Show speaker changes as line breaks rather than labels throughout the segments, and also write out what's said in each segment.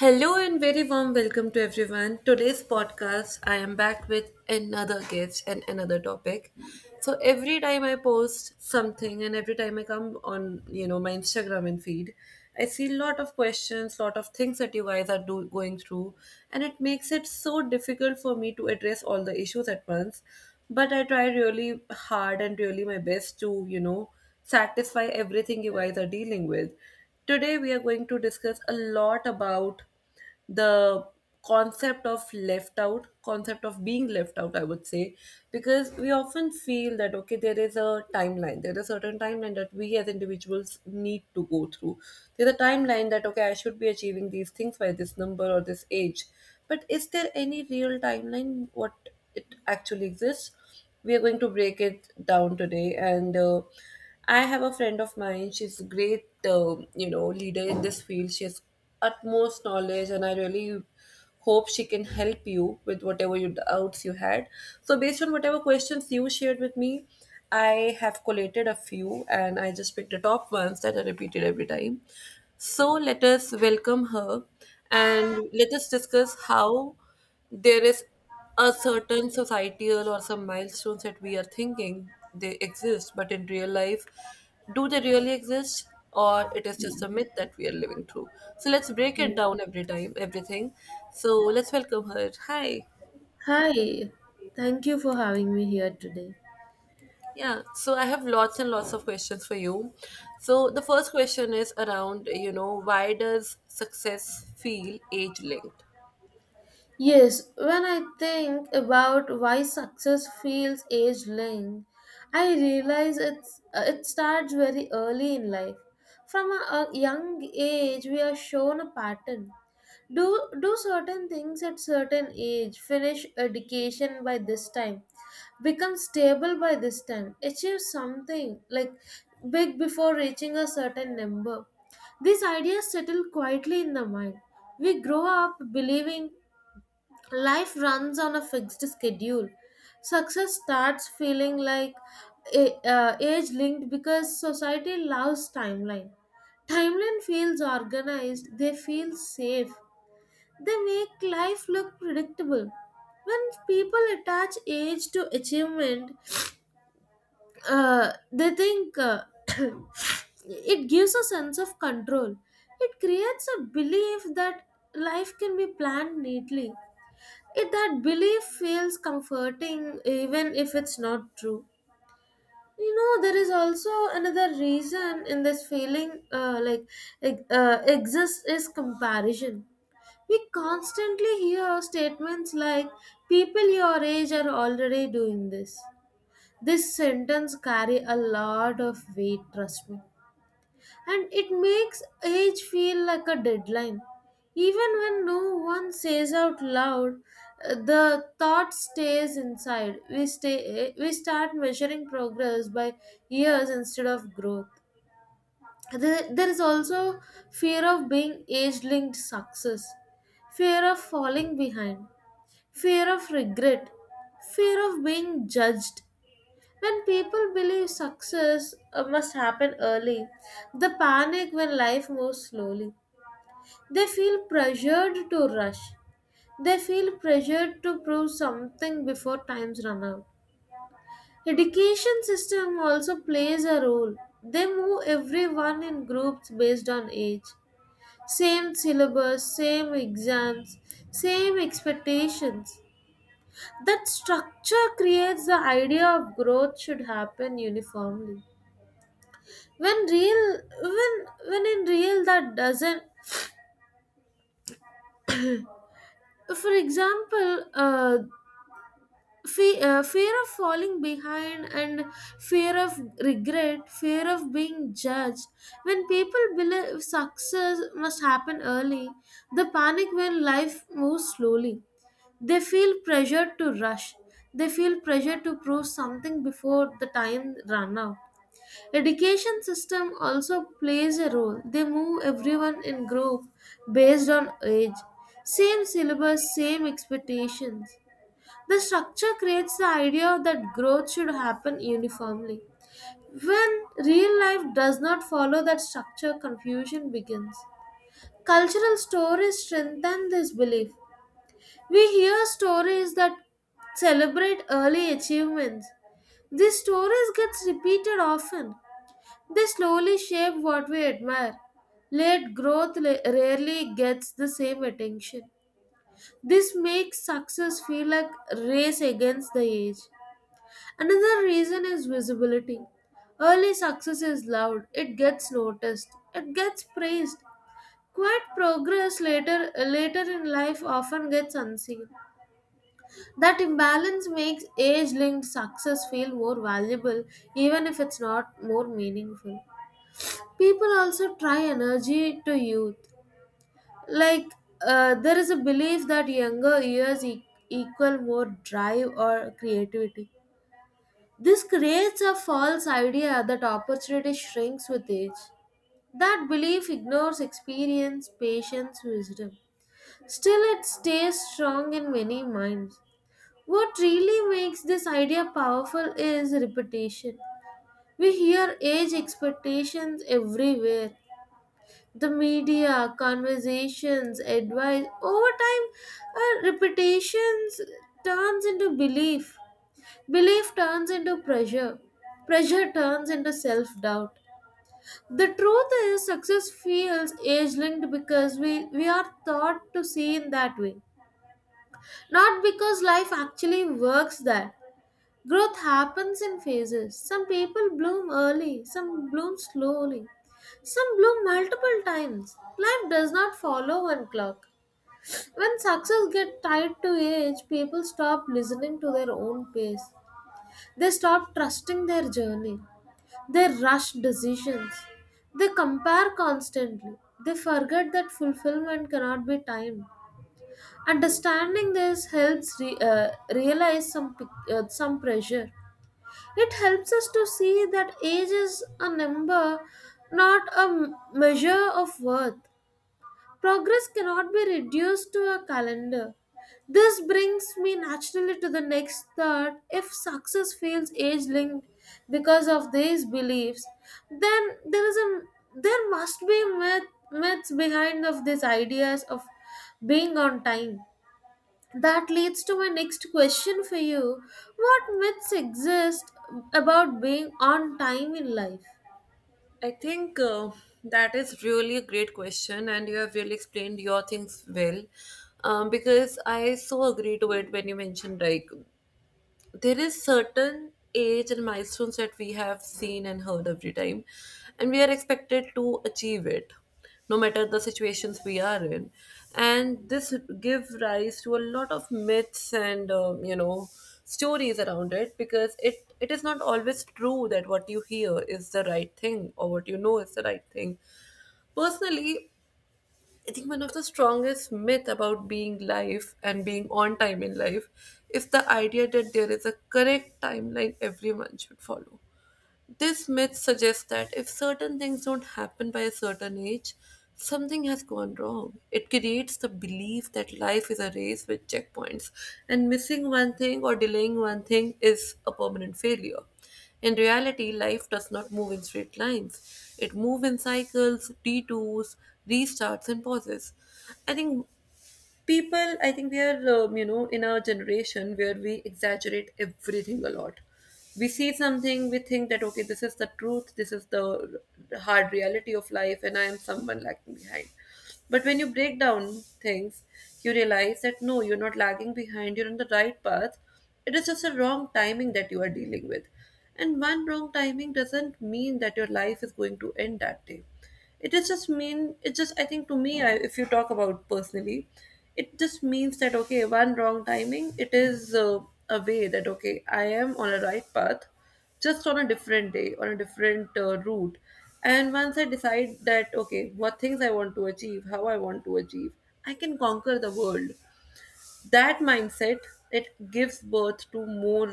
Hello and very warm welcome to everyone. Today's podcast, I am back with another guest and another topic. So every time I post something and every time I come on, my Instagram and feed, I see a lot of questions, lot of things that you guys are going through, and it makes it so difficult for me to address all the issues at once. But I try really hard and really my best to, satisfy everything you guys are dealing with. Today, we are going to discuss a lot about the concept of left out, concept of being left out, I would say, because we often feel that, okay, there is a timeline, there is a certain timeline that we as individuals need to go through. There's a timeline that, okay, I should be achieving these things by this number or this age. But is there any real timeline, what it actually exists? We are going to break it down today, and I have a friend of mine. She's a great, uh, leader in this field. She has utmost knowledge, and I really hope she can help you with whatever you doubts you had. So based on whatever questions you shared with me, I have collated a few, and I just picked the top ones that are repeated every time. So let us welcome her, and let us discuss how there is a certain societal or some milestones that we are thinking they exist, but in real life, do they really exist, or it is just a myth that we are living through? So let's break it
Mm.
down every time everything. So let's welcome her. Hi.
Hi, thank you for having me here today.
Yeah, so I have lots and lots of questions for you. So the first question is around, why does success feel age linked?
Yes, when I think about why success feels age linked, I realize it starts very early in life. From a young age, we are shown a pattern. Do do certain things at certain age, finish education by this time, become stable by this time, achieve something like big before reaching a certain number. These ideas settle quietly in the mind. We grow up believing life runs on a fixed schedule. Success starts feeling like age linked because society loves timeline. Timeline feels organized, they feel safe, they make life look predictable. When people attach age to achievement, they think it gives a sense of control. It creates a belief that life can be planned neatly. It that belief feels comforting even if it's not true. You know, there is also another reason in this feeling, like exists is comparison. We constantly hear statements like, "People your age are already doing this." This sentence carry a lot of weight, trust me, and it makes age feel like a deadline even when no one says out loud. The thought stays inside. We start measuring progress by years instead of growth. There is also fear of being age linked success, fear of falling behind, fear of regret, fear of being judged. When people believe success must happen early, they panic when life moves slowly. They feel pressured to rush. They feel pressured to prove something before times run out. Education system also plays a role. They move everyone in groups based on age. Same syllabus, same exams, same expectations. That structure creates the idea of growth should happen uniformly. When real when when in real that doesn't for example fe- Fear of falling behind and fear of regret, fear of being judged. When people believe success must happen early, the panic when life moves slowly. They feel pressured to rush. They feel pressure to prove something before the time run out. Education system also plays a role. They move everyone in group based on age. Same syllabus, same expectations. The structure creates the idea that growth should happen uniformly. When real life does not follow that structure, confusion begins. Cultural stories strengthen this belief. We hear stories that celebrate early achievements. These stories gets repeated often. They slowly shape what we admire. Late growth rarely gets the same attention. This makes success feel like a race against the age. Another reason is visibility. Early success is loud, it gets noticed, it gets praised. Quiet progress later in life often gets unseen. That imbalance makes age-linked success feel more valuable even if it's not more meaningful. People also try energy to youth, like there is a belief that younger years equal more drive or creativity. This creates a false idea that opportunity shrinks with age. That belief ignores experience, patience, wisdom. Still it stays strong in many minds. What really makes this idea powerful is repetition. We hear age expectations everywhere, the media, conversations, advice. Over time, our reputations turns into belief. Belief turns into pressure. Pressure turns into self doubt. The truth is, success feels age linked because we are taught to see in that way, not because life actually works that. Growth happens in phases. Some people bloom early, some bloom slowly, some bloom multiple times. Life does not follow one clock. When success gets tied to age, people stop listening to their own pace. They stop trusting their journey. They rush decisions. They compare constantly. They forget that fulfillment cannot be timed. Understanding this helps realize some pressure. It helps us to see that age is a number, not a measure of worth. Progress cannot be reduced to a calendar. This brings me naturally to the next thought. If success feels age linked because of these beliefs, then there is a there must be myths behind of these ideas of being on time. That leads to my next question for you. What myths exist about being on time in life?
I think that is really a great question, and you have really explained your things well. Because I so agree to it when you mentioned like there is certain age and milestones that we have seen and heard every time, and we are expected to achieve it no matter the situations we are in. And this give rise to a lot of myths and, stories around it, because it is not always true that what you hear is the right thing or what you know is the right thing. Personally, I think one of the strongest myth about being life and being on time in life is the idea that there is a correct timeline everyone should follow. This myth suggests that if certain things don't happen by a certain age, something has gone wrong. It creates the belief that life is a race with checkpoints, and missing one thing or delaying one thing is a permanent failure. In reality, life does not move in straight lines. It moves in cycles, detours, restarts, and pauses. I think I think we are, in our generation where we exaggerate everything a lot. We see something, we think that, okay, this is the truth, this is the hard reality of life, and I am someone lagging behind. But when you break down things, you realize that no, you're not lagging behind, you're on the right path. It is just a wrong timing that you are dealing with. And one wrong timing doesn't mean that your life is going to end that day. It is just mean it just I think to me I, if you talk about personally, it just means that, okay, one wrong timing, it is a way that, okay, I am on a right path, just on a different day, on a different route. And once I decide that, okay, what things I want to achieve, how I want to achieve, I can conquer the world. That mindset, it gives birth to more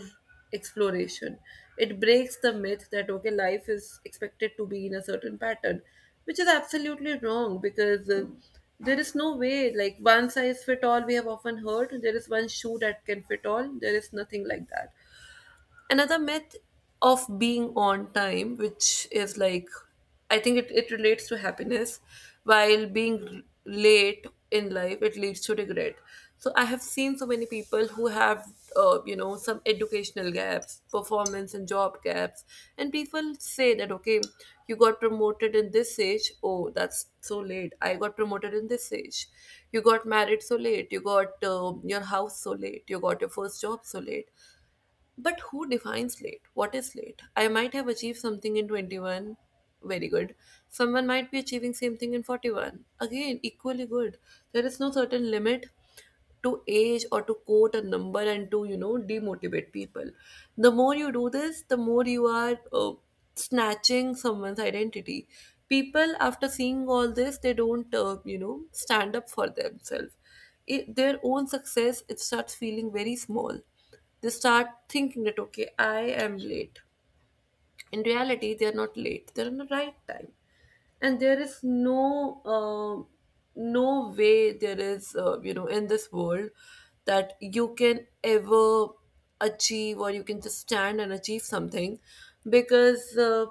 exploration. It breaks the myth that, okay, life is expected to be in a certain pattern, which is absolutely wrong, because there is no way like one size fit all. We have often heard there is one shoe that can fit all. There is nothing like that. Another myth of being on time, which is like, I think it relates to happiness, while being late in life, it leads to regret. So I have seen so many people who have, some educational gaps, performance and job gaps, and people say that, okay, you got promoted in this age, oh, that's so late, I got promoted in this age, you got married so late, you got your house so late, you got your first job so late. But who defines late? What is late? I might have achieved something in 21. Very good. Someone might be achieving same thing in 41. Again, equally good. There is no certain limit to age or to quote a number and to, demotivate people. The more you do this, the more you are, snatching someone's identity. People, after seeing all this, they don't, stand up for themselves. It, their own success, it starts feeling very small. They start thinking that, okay, I am late. In reality, they are not late, they're in the right time. And there is no, no way there is, in this world that you can ever achieve, or you can just stand and achieve something, because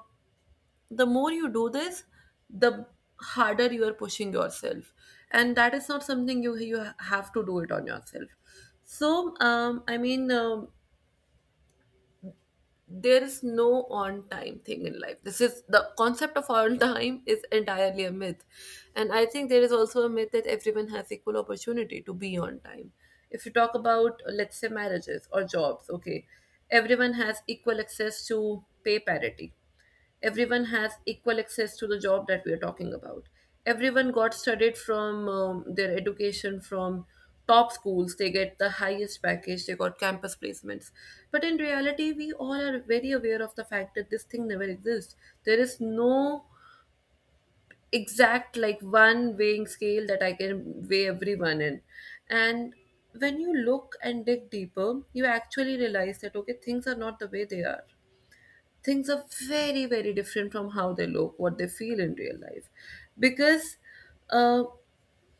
the more you do this, the harder you are pushing yourself. And that is not something you have to do it on yourself. So, I mean, there is no on time thing in life. This is the concept of on time is entirely a myth. And I think there is also a myth that everyone has equal opportunity to be on time. If you talk about, let's say, marriages or jobs, okay, everyone has equal access to pay parity, everyone has equal access to the job that we are talking about, everyone got studied from, their education from top schools, they get the highest package, they got campus placements. But in reality, we all are very aware of the fact that this thing never exists. There is no exact like one weighing scale that I can weigh everyone in. And when you look and dig deeper, you actually realize that, okay, things are not the way they are. Things are very very different from how they look, what they feel in real life. Because uh,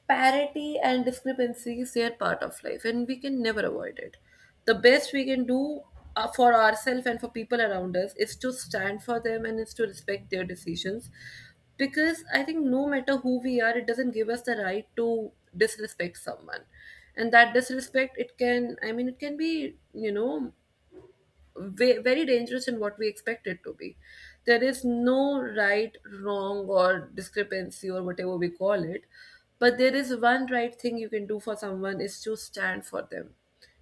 parity and discrepancies, they are part of life, and we can never avoid it. The best we can do, for ourselves and for people around us, is to stand for them and is to respect their decisions. Because I think no matter who we are, it doesn't give us the right to disrespect someone. And that disrespect, it can, I mean, it can be, very dangerous in what we expect it to be. There is no right, wrong, or discrepancy, or whatever we call it. But there is one right thing you can do for someone is to stand for them,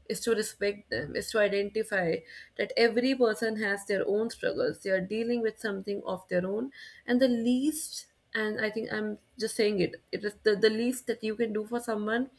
is to respect them, is to identify that every person has their own struggles. They are dealing with something of their own. And the least, and I think I'm just saying it, it is the least that you can do for someone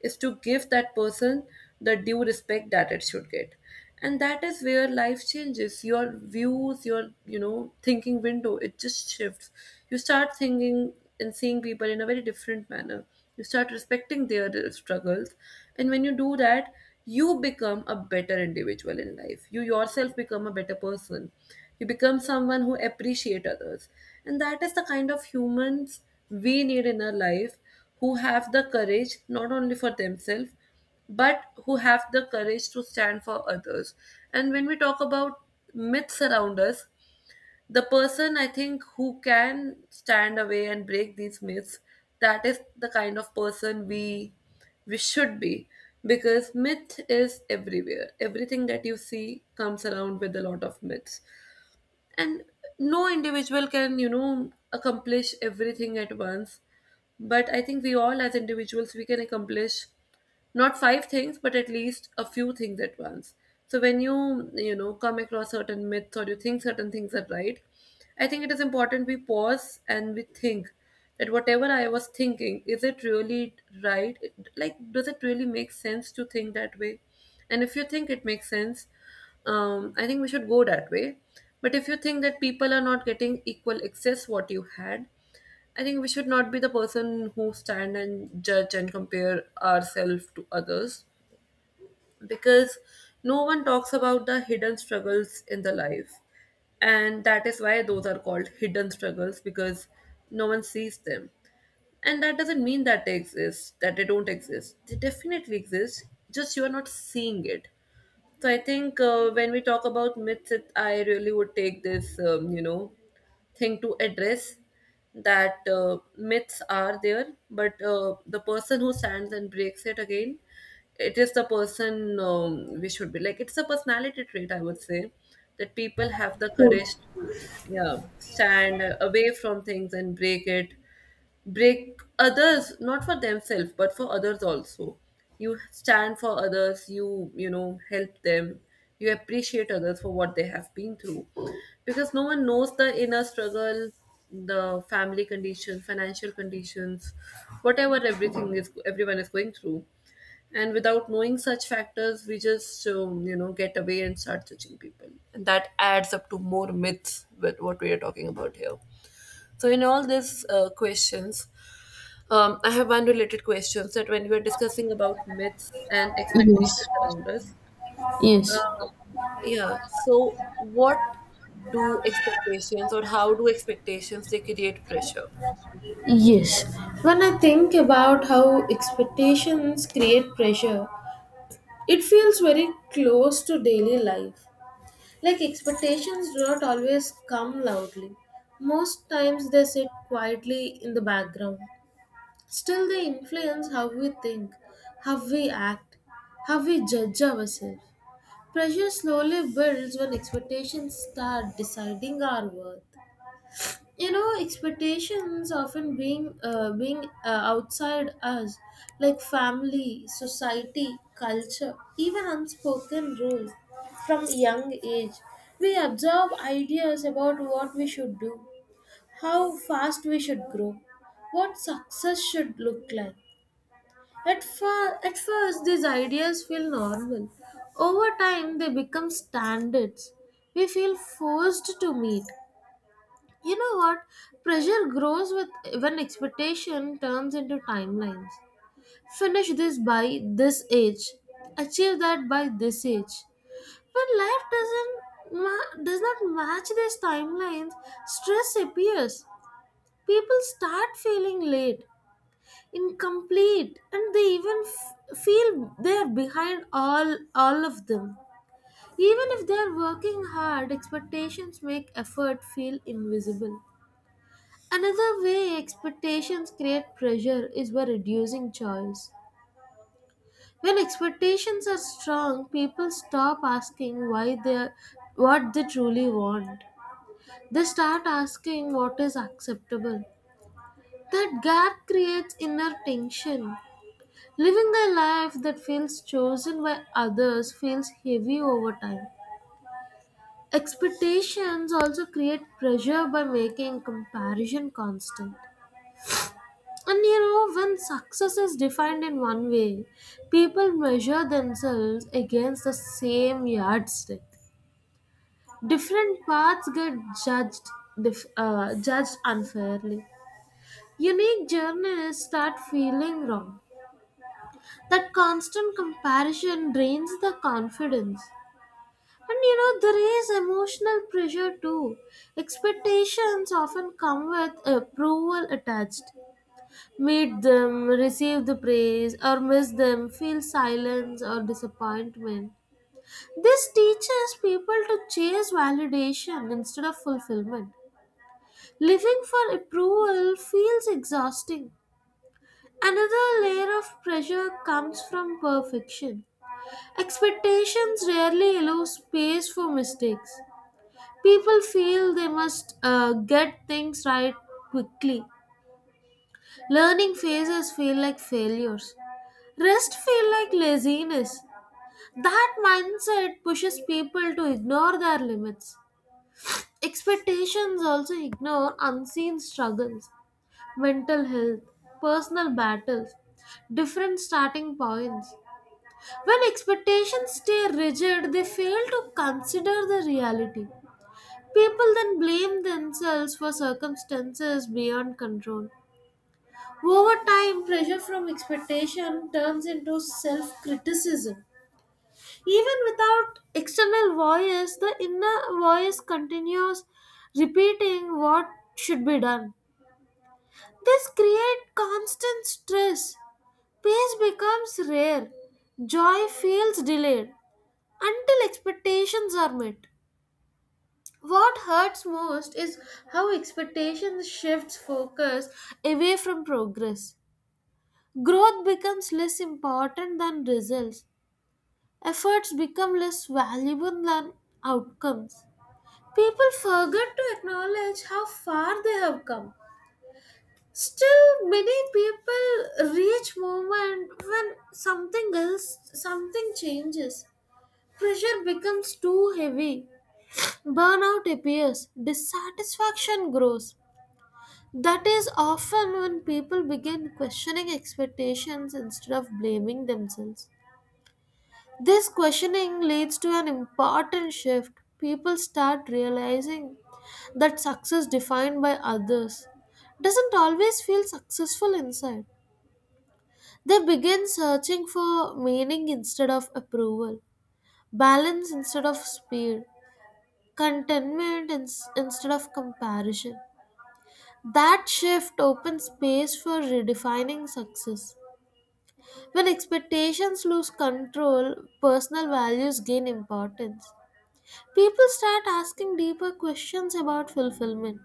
is to give that person the due respect that it should get. And that is where life changes your views, your, thinking window, it just shifts. You start thinking and seeing people in a very different manner. You start respecting their struggles. And when you do that, you become a better individual in life. You yourself become a better person. You become someone who appreciate others. And that is the kind of humans we need in our life, who have the courage not only for themselves, but who have the courage to stand for others. And when we talk about myths around us, the person I think who can stand away and break these myths, that is the kind of person we should be. Because myth is everywhere. Everything that you see comes around with a lot of myths. And no individual can, accomplish everything at once. But I think we all, as individuals, we can accomplish not five things, but at least a few things at once. So when you, come across certain myths or you think certain things are right, I think it is important we pause and we think that whatever I was thinking, is it really right? Like, does it really make sense to think that way? And if you think it makes sense, I think we should go that way. But if you think that people are not getting equal access what you had, I think we should not be the person who stand and judge and compare ourselves to others because no one talks about the hidden struggles in the life. And that is why those are called hidden struggles because no one sees them. And that doesn't mean that they exist, that they don't exist. They definitely exist, just you are not seeing it. So I think when we talk about myths, it, I really would take this, thing to address that myths are there, but the person who stands and breaks it again, it is the person we should be like. It's a personality trait, I would say, that people have the courage to, yeah, stand away from things and break it, break others not for themselves but for others also. You stand for others, you know help them, you appreciate others for what they have been through, because no one knows the inner struggle, the family conditions, financial conditions, whatever everything is, everyone is going through. And without knowing such factors, we just get away and start judging people, and that adds up to more myths with what we are talking about here. So in all these questions, I have one related question, that when we were discussing about myths and expectations
Yes,
around us,
yes,
uh, yeah. So what do expectations, or how do expectations, they create pressure?
yes. When I think about how expectations create pressure, it feels very close to daily life. Like expectations do not always come loudly. Most times they sit quietly in the background. Still, they influence how we think, how we act, how we judge ourselves. Pressure slowly builds when expectations start deciding our worth. You know, expectations often being outside us, like family, society, culture, even unspoken rules. From young age, we absorb ideas about what we should do, how fast we should grow, what success should look like at, at first, these ideas feel normal. Over time, they become standards. We feel forced to meet. You know what? Pressure grows with when expectation turns into timelines. Finish this by this age. Achieve that by this age. When life does not match these timelines, stress appears. People start feeling late, incomplete, and they even feel they are behind, all of them. Even if they are working hard, expectations make effort feel invisible. Another way expectations create pressure is by reducing choice. When expectations are strong, people stop asking why they are, what they truly want. They start asking what is acceptable. That gap creates inner tension. Living a life that feels chosen by others feels heavy over time. Expectations also create pressure by making comparison constant. And you know, when success is defined in one way, people measure themselves against the same yardstick. Different paths get judged, judged unfairly. Unique journeys start feeling wrong. That constant comparison drains the confidence. And you know, there is emotional pressure too. Expectations often come with approval attached. Meet them, receive the praise, or miss them, feel silence or disappointment. This teaches people to chase validation instead of fulfillment. Living for approval feels exhausting. Another layer of pressure comes from perfection. Expectations rarely allow space for mistakes. People feel they must get things right quickly. Learning phases feel like failures. Rest feel like laziness. That mindset pushes people to ignore their limits. Expectations also ignore unseen struggles, mental health, personal battles, different starting points. When expectations stay rigid, they fail to consider the reality. People then blame themselves for circumstances beyond control. Over time, pressure from expectation turns into self criticism. Even without external voice, the inner voice continues repeating what should be done. This creates constant stress. Peace becomes rare. Joy feels delayed until expectations are met. What hurts most is how expectations shifts focus away from progress. Growth becomes less important than results. Efforts become less valuable than outcomes. People forget to acknowledge how far they have come. Still, many people reach moment when something changes. Pressure becomes too heavy. Burnout appears. Dissatisfaction grows. That is often when people begin questioning expectations instead of blaming themselves. This questioning leads to an important shift. People start realizing that success defined by others doesn't always feel successful inside. They begin searching for meaning instead of approval, balance instead of speed, contentment instead of comparison. That shift opens space for redefining success. When expectations lose control, personal values gain importance. People start asking deeper questions about fulfillment.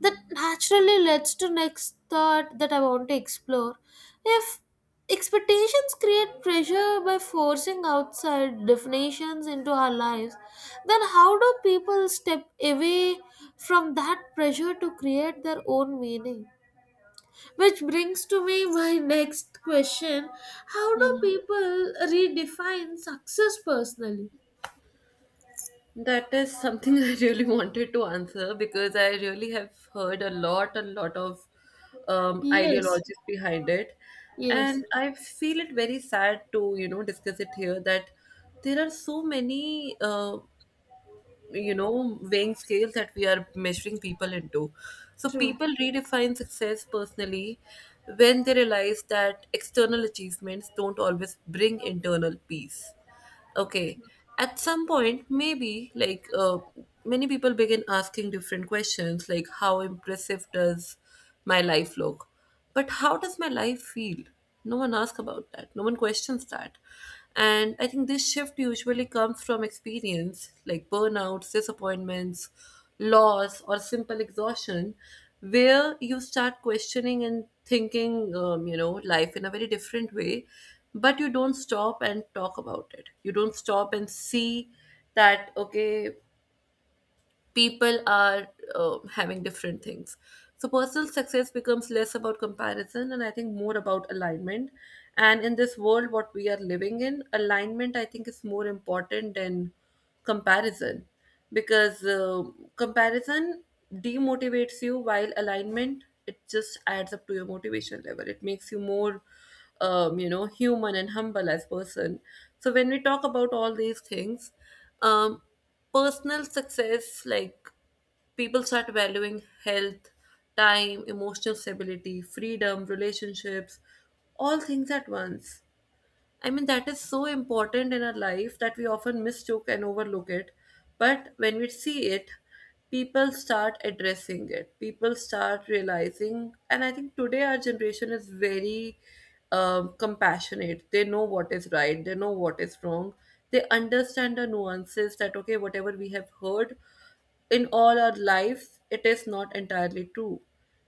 That naturally leads to next thought that I want to explore. If expectations create pressure by forcing outside definitions into our lives, then how do people step away from that pressure to create their own meaning? Which brings to me my next question. How do people redefine success personally?
That is something I really wanted to answer, because I really have heard a lot of
Yes,
ideologies behind it.
yes,
And I feel it very sad to, you know, discuss it here, that there are so many you know, weighing scales that we are measuring people into. So
true.
people redefine success personally when they realize that external achievements don't always bring internal peace. Okay, at some point maybe like many people begin asking different questions, like how impressive does my life look, but how does my life feel? No one asks about that. No one questions that. And I think this shift usually comes from experience, like burnouts, disappointments, loss, or simple exhaustion, where you start questioning and thinking, you know, life in a very different way. But you don't stop and talk about it. You don't stop and see that, okay, people are having different things. So personal success becomes less about comparison and I think more about alignment. And in this world, what we are living in, alignment I think is more important than comparison, because comparison demotivates you, while alignment, it just adds up to your motivation level. It makes you more you know, human and humble as person. So when we talk about all these things, um, personal success, like people start valuing health, time, emotional stability, freedom, relationships, all things at once. I mean, that is so important in our life that we often mistook and overlook it. But when we see it, people start addressing it, people start realizing. And I think today our generation is very compassionate. They know what is right, they know what is wrong, they understand the nuances that, okay, whatever we have heard in all our lives, it is not entirely true.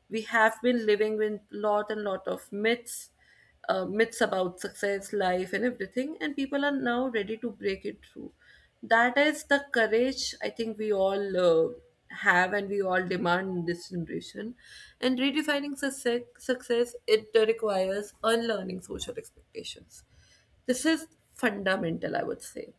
We have been living with lot and lot of myths, myths about success, life and everything, and people are now ready to break it through. That is the courage I think we all have and we all demand in this generation. And redefining success, success, it requires unlearning social expectations. This is fundamental, I would say.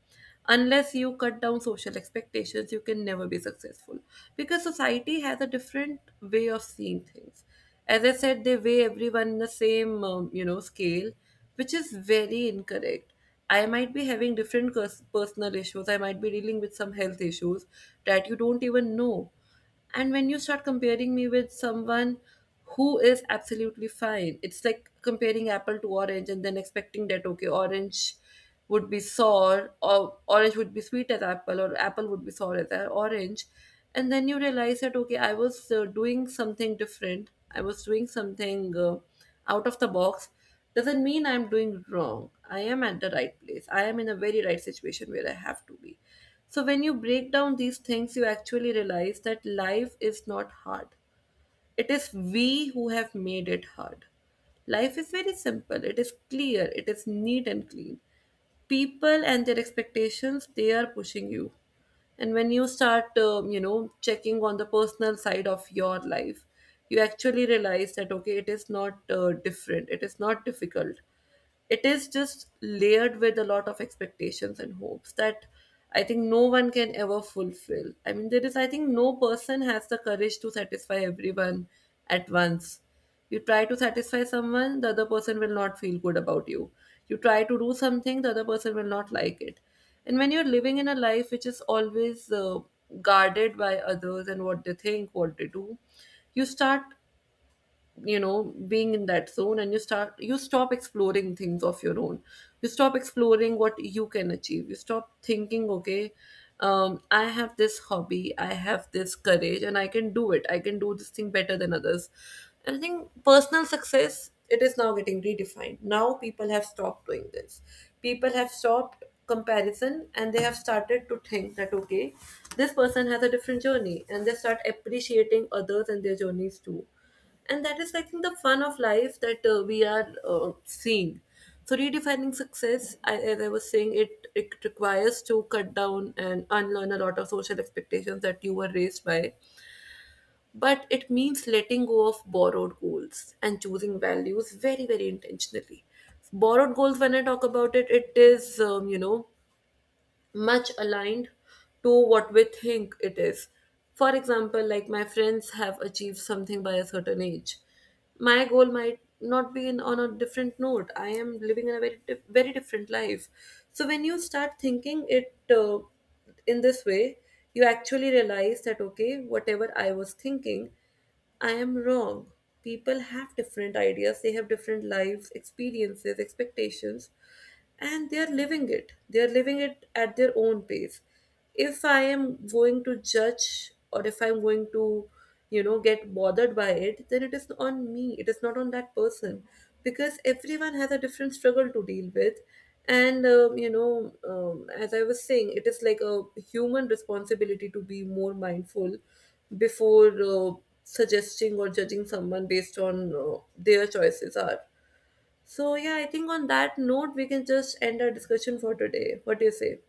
Unless you cut down social expectations, you can never be successful, because society has a different way of seeing things. As I said, they weigh everyone in the same, you know, scale, which is very incorrect. I might be having different personal issues. I might be dealing with some health issues that you don't even know. And when you start comparing me with someone who is absolutely fine, it's like comparing apple to orange and then expecting that, okay, orange would be sour, or orange would be sweet as apple, or apple would be sour as orange. And then you realize that, okay, I was doing something different. I was doing something out of the box, doesn't mean I'm doing wrong. I am at the right place. I am in a very right situation where I have to be. So when you break down these things, you actually realize that life is not hard. It is we who have made it hard. Life is very simple. It is clear. It is neat and clean. People and their expectations, they are pushing you. And when you start, you know, checking on the personal side of your life, you actually realize that, okay, it is not different. It is not difficult, it is just layered with a lot of expectations and hopes that I think no one can ever fulfill. I mean, there is, I think, no person has the courage to satisfy everyone at once. You try to satisfy someone, the other person will not feel good about you. You try to do something, the other person will not like it. And when you're living in a life which is always guarded by others and what they think, what they do, you start, you know, being in that zone, and you stop exploring things of your own, you stop exploring what you can achieve, you stop thinking, okay, I have this hobby, I have this courage, and I can do it, I can do this thing better than others. And I think personal success, it is now getting redefined. Now people have stopped doing this, people have stopped comparison, and they have started to think that, okay, this person has a different journey, and they start appreciating others and their journeys too. And that is I think the fun of life that we are seeing. So redefining success, as I was saying, it requires to cut down and unlearn a lot of social expectations that you were raised by. But it means letting go of borrowed goals and choosing values very, very intentionally. Borrowed goals, when I talk about it, it is, you know, much aligned to what we think it is. For example, like my friends have achieved something by a certain age. My goal might not be on a different note. I am living in a very very different life. So when you start thinking it in this way, you actually realize that, okay, whatever I was thinking, I am wrong. People have different ideas. They have different lives, experiences, expectations, and they are living it at their own pace. If I am going to judge, or if I'm going to, you know, get bothered by it, then it is on me, it is not on that person, because everyone has a different struggle to deal with. And you know, as I was saying, it is like a human responsibility to be more mindful before suggesting or judging someone based on their choices are. So yeah, I think on that note we can just end our discussion for today. What do you say?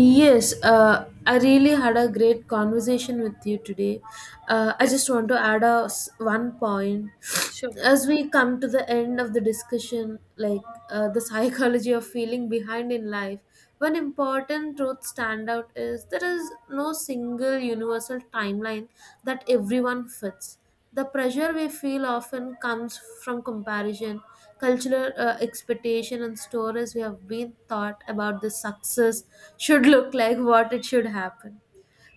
Yes, I really had a great conversation with you today. I
Yeah,
just want to add a one point
sure.
as we come to the end of the discussion, like the psychology of feeling behind in life. One important truth stand out is there is no single universal timeline that everyone fits. The pressure we feel often comes from comparison, cultural expectation, and stories we have been taught about the success should look like, what it should happen.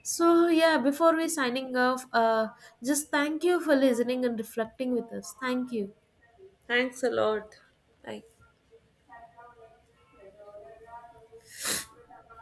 So yeah, before we signing off, just thank you for listening and reflecting with us. Thank you.
Thanks a lot. Bye.